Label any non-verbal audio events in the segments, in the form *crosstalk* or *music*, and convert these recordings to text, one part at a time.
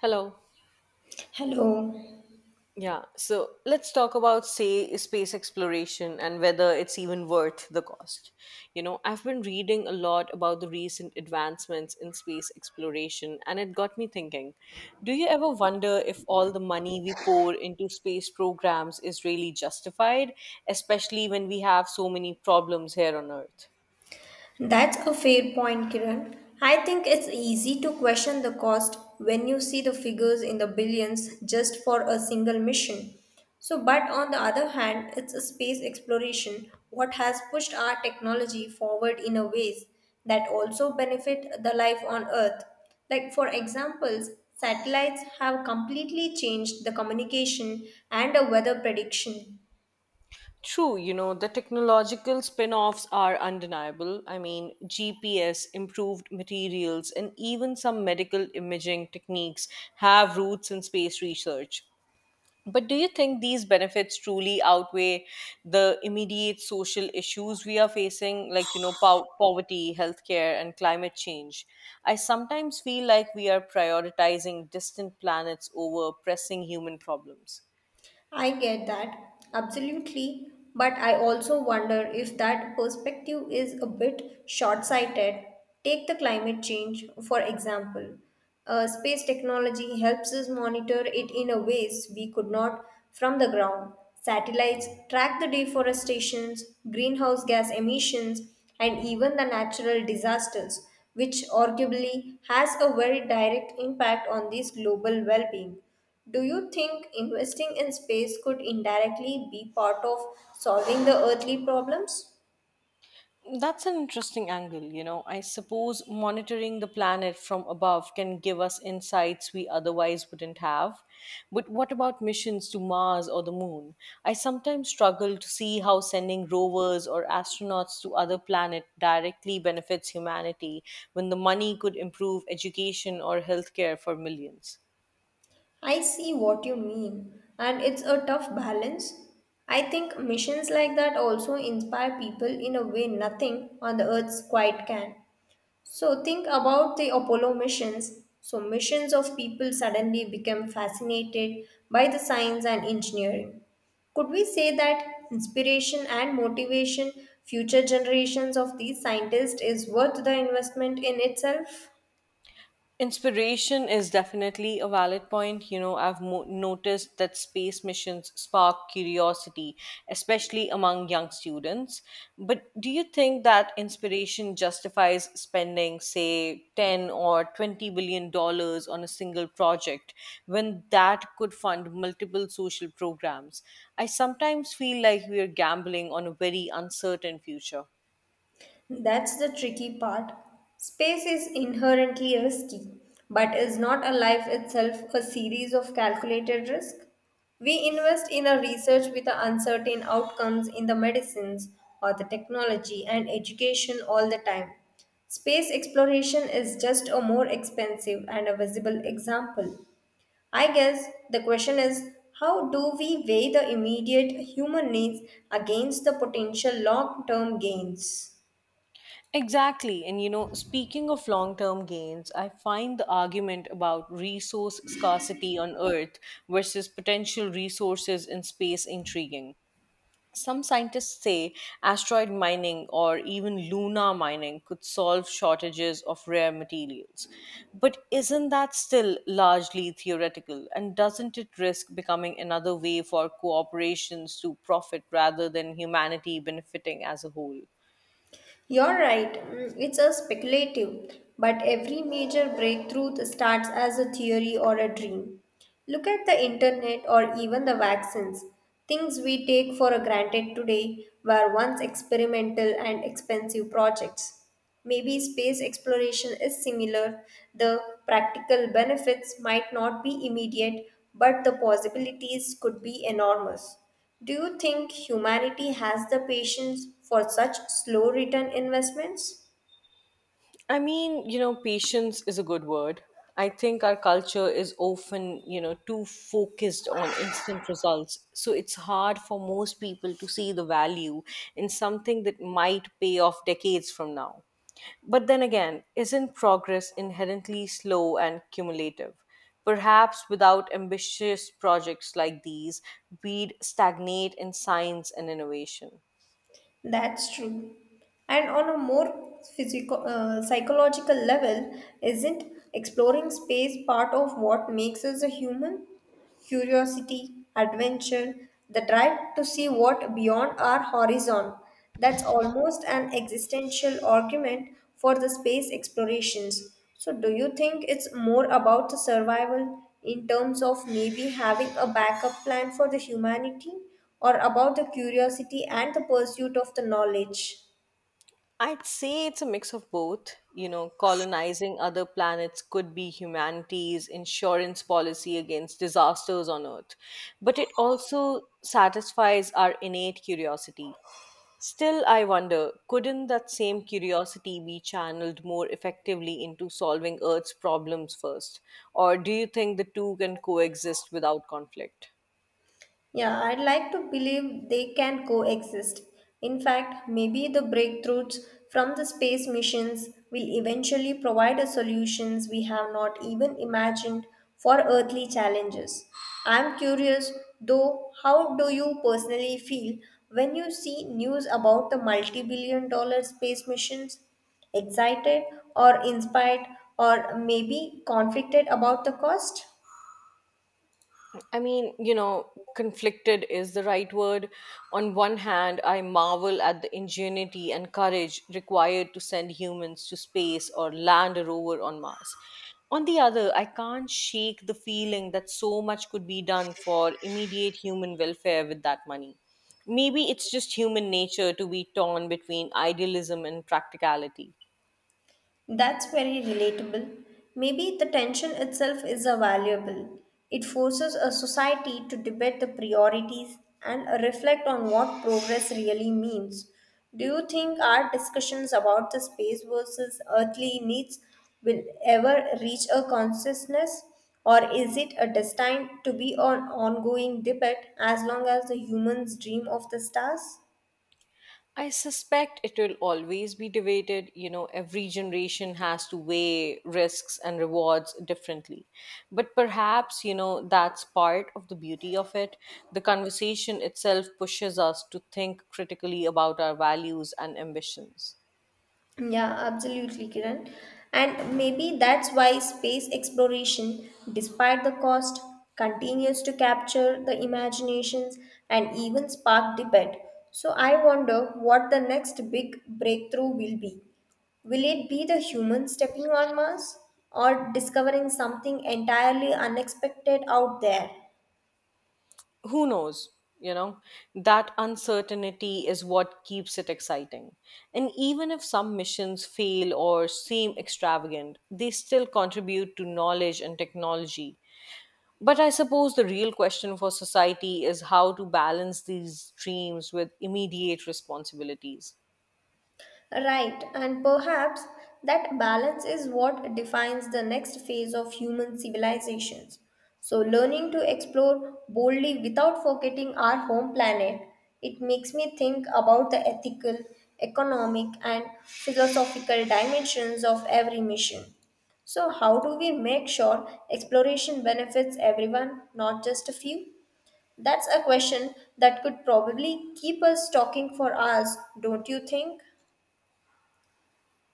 Hello. Hello. Yeah. So let's talk about, say, space exploration and whether it's even worth the cost. I've been reading a lot about the recent advancements in space exploration, and it got me thinking. Do you ever wonder if all the money we pour into space programs is really justified, especially when we have so many problems here on Earth? That's a fair point, Kiran. I think it's easy to question the cost when you see the figures in the billions just for a single mission. So, but on the other hand, it's a space exploration what has pushed our technology forward in a ways that also benefit the life on Earth. Like for examples, satellites have completely changed the communication and the weather prediction. True, the technological spin offs are undeniable. I mean, GPS, improved materials, and even some medical imaging techniques have roots in space research. But do you think these benefits truly outweigh the immediate social issues we are facing, like, poverty, healthcare, and climate change? I sometimes feel like we are prioritizing distant planets over pressing human problems. I get that, absolutely. But I also wonder if that perspective is a bit short sighted. Take the climate change, for example. Space technology helps us monitor it in a ways we could not from the ground. Satellites track the deforestations, greenhouse gas emissions, and even the natural disasters, which arguably has a very direct impact on this global well being. Do you think investing in space could indirectly be part of solving the earthly problems? That's an interesting angle. I suppose monitoring the planet from above can give us insights we otherwise wouldn't have. But what about missions to Mars or the moon? I sometimes struggle to see how sending rovers or astronauts to other planets directly benefits humanity when the money could improve education or healthcare for millions. I see what you mean, and it's a tough balance. I think missions like that also inspire people in a way nothing on the earth's quite can. So think about the Apollo missions. So missions of people suddenly became fascinated by the science and engineering. Could we say that inspiration and motivation future generations of these scientists is worth the investment in itself? Inspiration is definitely a valid point. I've noticed that space missions spark curiosity, especially among young students. But do you think that inspiration justifies spending, say, $10 or $20 billion on a single project when that could fund multiple social programs? I sometimes feel like we are gambling on a very uncertain future. That's the tricky part. Space is inherently risky, but is not a life itself a series of calculated risk? We invest in a research with the uncertain outcomes in the medicines or the technology and education all the time. Space exploration is just a more expensive and a visible example. I guess the question is how do we weigh the immediate human needs against the potential long term gains? Exactly. And speaking of long term gains, I find the argument about resource scarcity on Earth versus potential resources in space intriguing. Some scientists say asteroid mining or even lunar mining could solve shortages of rare materials. But isn't that still largely theoretical? And doesn't it risk becoming another way for corporations to profit rather than humanity benefiting as a whole? You're right, mm, it's a speculative, but every major breakthrough starts as a theory or a dream. Look at the internet or even the vaccines. Things we take for granted today were once experimental and expensive projects. Maybe space exploration is similar. The practical benefits might not be immediate, but the possibilities could be enormous. Do you think humanity has the patience for such slow return investments? I mean, patience is a good word. I think our culture is often, too focused on instant results. So it's hard for most people to see the value in something that might pay off decades from now. But then again, isn't progress inherently slow and cumulative? Perhaps without ambitious projects like these, we'd stagnate in science and innovation. That's true. And on a more physical, psychological level, isn't exploring space part of what makes us a human? Curiosity, adventure, the drive to see what beyond our horizon. That's almost an existential argument for the space explorations. So, do you think it's more about the survival in terms of maybe having a backup plan for the humanity or about the curiosity and the pursuit of the knowledge? I'd say it's a mix of both. Colonizing other planets could be humanity's insurance policy against disasters on Earth, but it also satisfies our innate curiosity. Still, I wonder couldn't that same curiosity be channeled more effectively into solving Earth's problems first? Or do you think the two can coexist without conflict? Yeah, I'd like to believe they can coexist. In fact, maybe the breakthroughs from the space missions will eventually provide us solutions we have not even imagined for earthly challenges. I'm curious, though, how do you personally feel when you see news about the multi billion dollar space missions? Excited or inspired, or maybe conflicted about the cost? I mean, conflicted is the right word. On one hand, I marvel at the ingenuity and courage required to send humans to space or land a rover on Mars. On the other, I can't shake the feeling that so much could be done for immediate human welfare with that money. Maybe it's just human nature to be torn between idealism and practicality. That's very relatable. Maybe the tension itself is a valuable. It forces a society to debate the priorities and reflect on what progress really means. Do you think our discussions about the space versus earthly needs will ever reach a consciousness, or is it a destined to be an ongoing debate as long as the humans dream of the stars? I suspect it will always be debated. Every generation has to weigh risks and rewards differently. But perhaps, that's part of the beauty of it. The conversation itself pushes us to think critically about our values and ambitions. Yeah, absolutely, Kiran. And maybe that's why space exploration, despite the cost, continues to capture the imaginations and even spark debate. So I wonder what the next big breakthrough will be. Will it be the human stepping on Mars or discovering something entirely unexpected out there? Who knows? You know, that uncertainty is what keeps it exciting. And even if some missions fail or seem extravagant, they still contribute to knowledge and technology. But I suppose the real question for society is how to balance these dreams with immediate responsibilities. Right, and perhaps that balance is what defines the next phase of human civilizations. So, learning to explore boldly without forgetting our home planet, it makes me think about the ethical, economic, and philosophical dimensions of every mission. So, how do we make sure exploration benefits everyone, not just a few? That's a question that could probably keep us talking for hours, don't you think?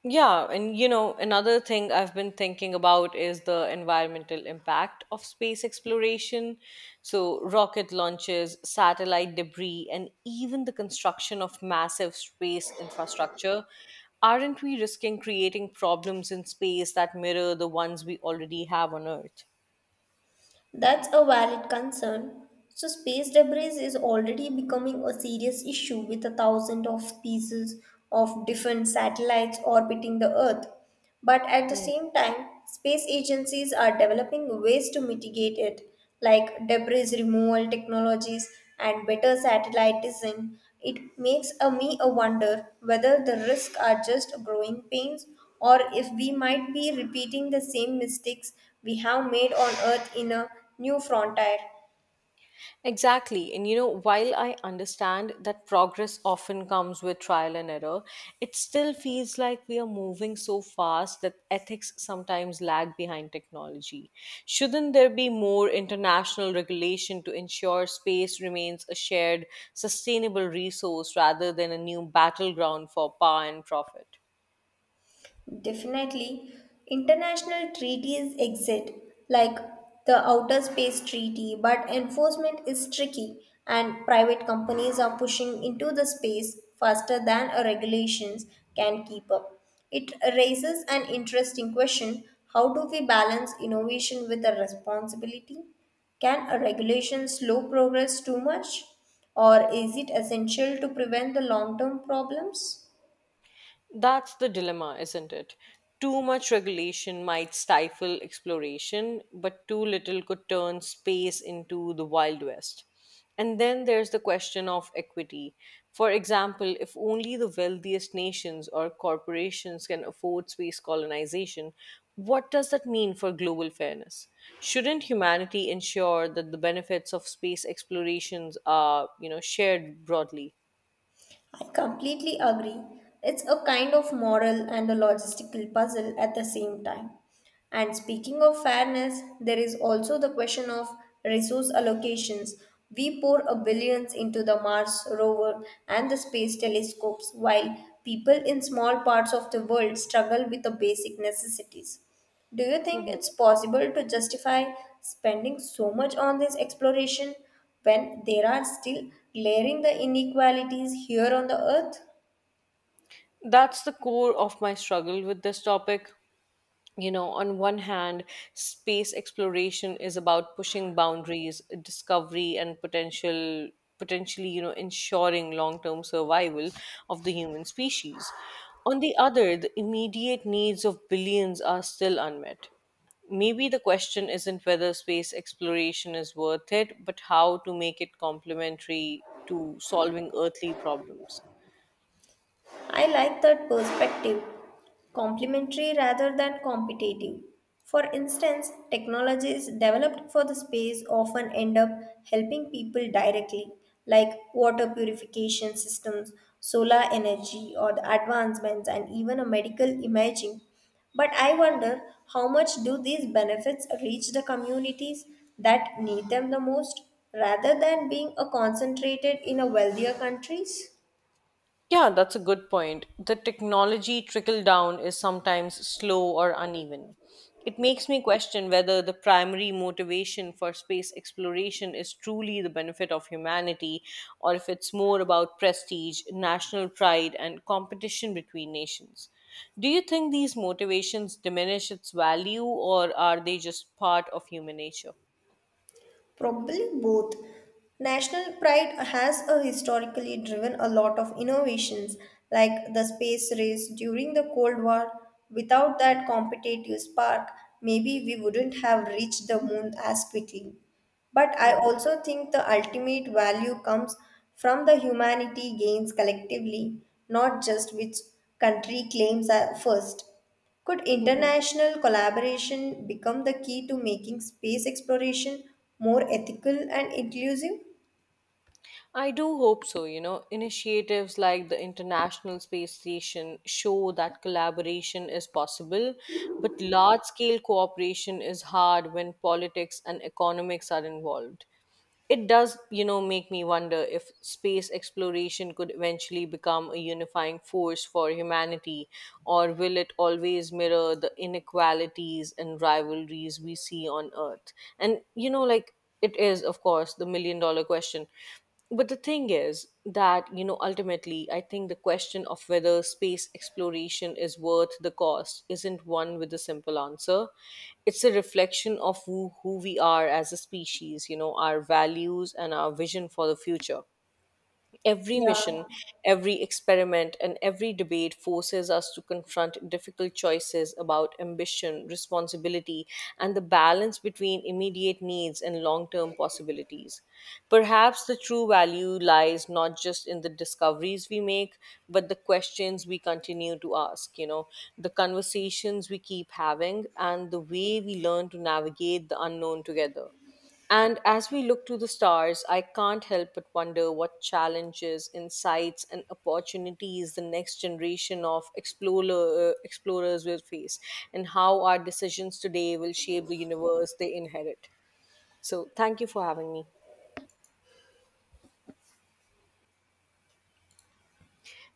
Yeah, and another thing I've been thinking about is the environmental impact of space exploration. So, rocket launches, satellite debris, and even the construction of massive space infrastructure. Aren't we risking creating problems in space that mirror the ones we already have on Earth? That's a valid concern. So, space debris is already becoming a serious issue with a thousand of pieces of different satellites orbiting the Earth. But at the Hmm. same time, space agencies are developing ways to mitigate it, like debris removal technologies and better satellite design. It makes a me a wonder whether the risks are just growing pains or if we might be repeating the same mistakes we have made on Earth in a new frontier. Exactly. And while I understand that progress often comes with trial and error, it still feels like we are moving so fast that ethics sometimes lag behind technology. Shouldn't there be more international regulation to ensure space remains a shared, sustainable resource rather than a new battleground for power and profit? Definitely, international treaties exist, like the Outer Space Treaty, but enforcement is tricky, and private companies are pushing into the space faster than a regulations can keep up. It raises an interesting question how do we balance innovation with a responsibility? Can a regulation slow progress too much, or is it essential to prevent the long term problems? That's the dilemma, isn't it? Too much regulation might stifle exploration, but too little could turn space into the Wild West. And then there's the question of equity. For example, if only the wealthiest nations or corporations can afford space colonization, what does that mean for global fairness? Shouldn't humanity ensure that the benefits of space explorations are, shared broadly? I completely agree. It's a kind of moral and a logistical puzzle at the same time. And speaking of fairness, there is also the question of resource allocations. We pour a billions into the Mars rover and the space telescopes while people in small parts of the world struggle with the basic necessities. Do you think it's possible to justify spending so much on this exploration when there are still glaring the inequalities here on the earth? That's the core of my struggle with this topic. On one hand, space exploration is about pushing boundaries, discovery, and potentially ensuring long-term survival of the human species. On the other, the immediate needs of billions are still unmet. Maybe the question isn't whether space exploration is worth it, but how to make it complementary to solving earthly problems. I like that perspective, complementary rather than competitive. For instance, technologies developed for the space often end up helping people directly, like water purification systems, solar energy, or the advancements, and even a medical imaging. But I wonder how much do these benefits reach the communities that need them the most rather than being concentrated in a wealthier countries? Yeah, that's a good point. The technology trickle down is sometimes slow or uneven. It makes me question whether the primary motivation for space exploration is truly the benefit of humanity or if it's more about prestige, national pride, and competition between nations. Do you think these motivations diminish its value or are they just part of human nature? Probably both. National pride has historically driven a lot of innovations like the space race during the Cold War. Without that competitive spark, maybe we wouldn't have reached the moon as quickly. But I Hmm. also think the ultimate value comes from the humanity gains collectively, not just which country claims are first. Could *laughs* international collaboration become the key to making space exploration more ethical and inclusive? I do hope so. Initiatives like the International Space Station show that collaboration is possible, but large scale cooperation is hard when politics and economics are involved. It does make me wonder if space exploration could eventually become a unifying force for humanity, or will it always mirror the inequalities and rivalries we see on Earth? And, like, it is, of course, the million dollar question. But the thing is that ultimately, I think the question of whether space exploration is worth the cost isn't one with a simple answer. It's a reflection of who we are as a species. Our values and our vision for the future. Every Yeah. mission, every experiment, and every debate forces us to confront difficult choices about ambition, responsibility, and the balance between immediate needs and long term possibilities. Perhaps the true value lies not just in the discoveries we make, but the questions we continue to ask, the conversations we keep having, and the way we learn to navigate the unknown together. And as we look to the stars, I can't help but wonder what challenges, insights, and opportunities the next generation of explorers will face, and how our decisions today will shape the universe they inherit. So, thank you for having me.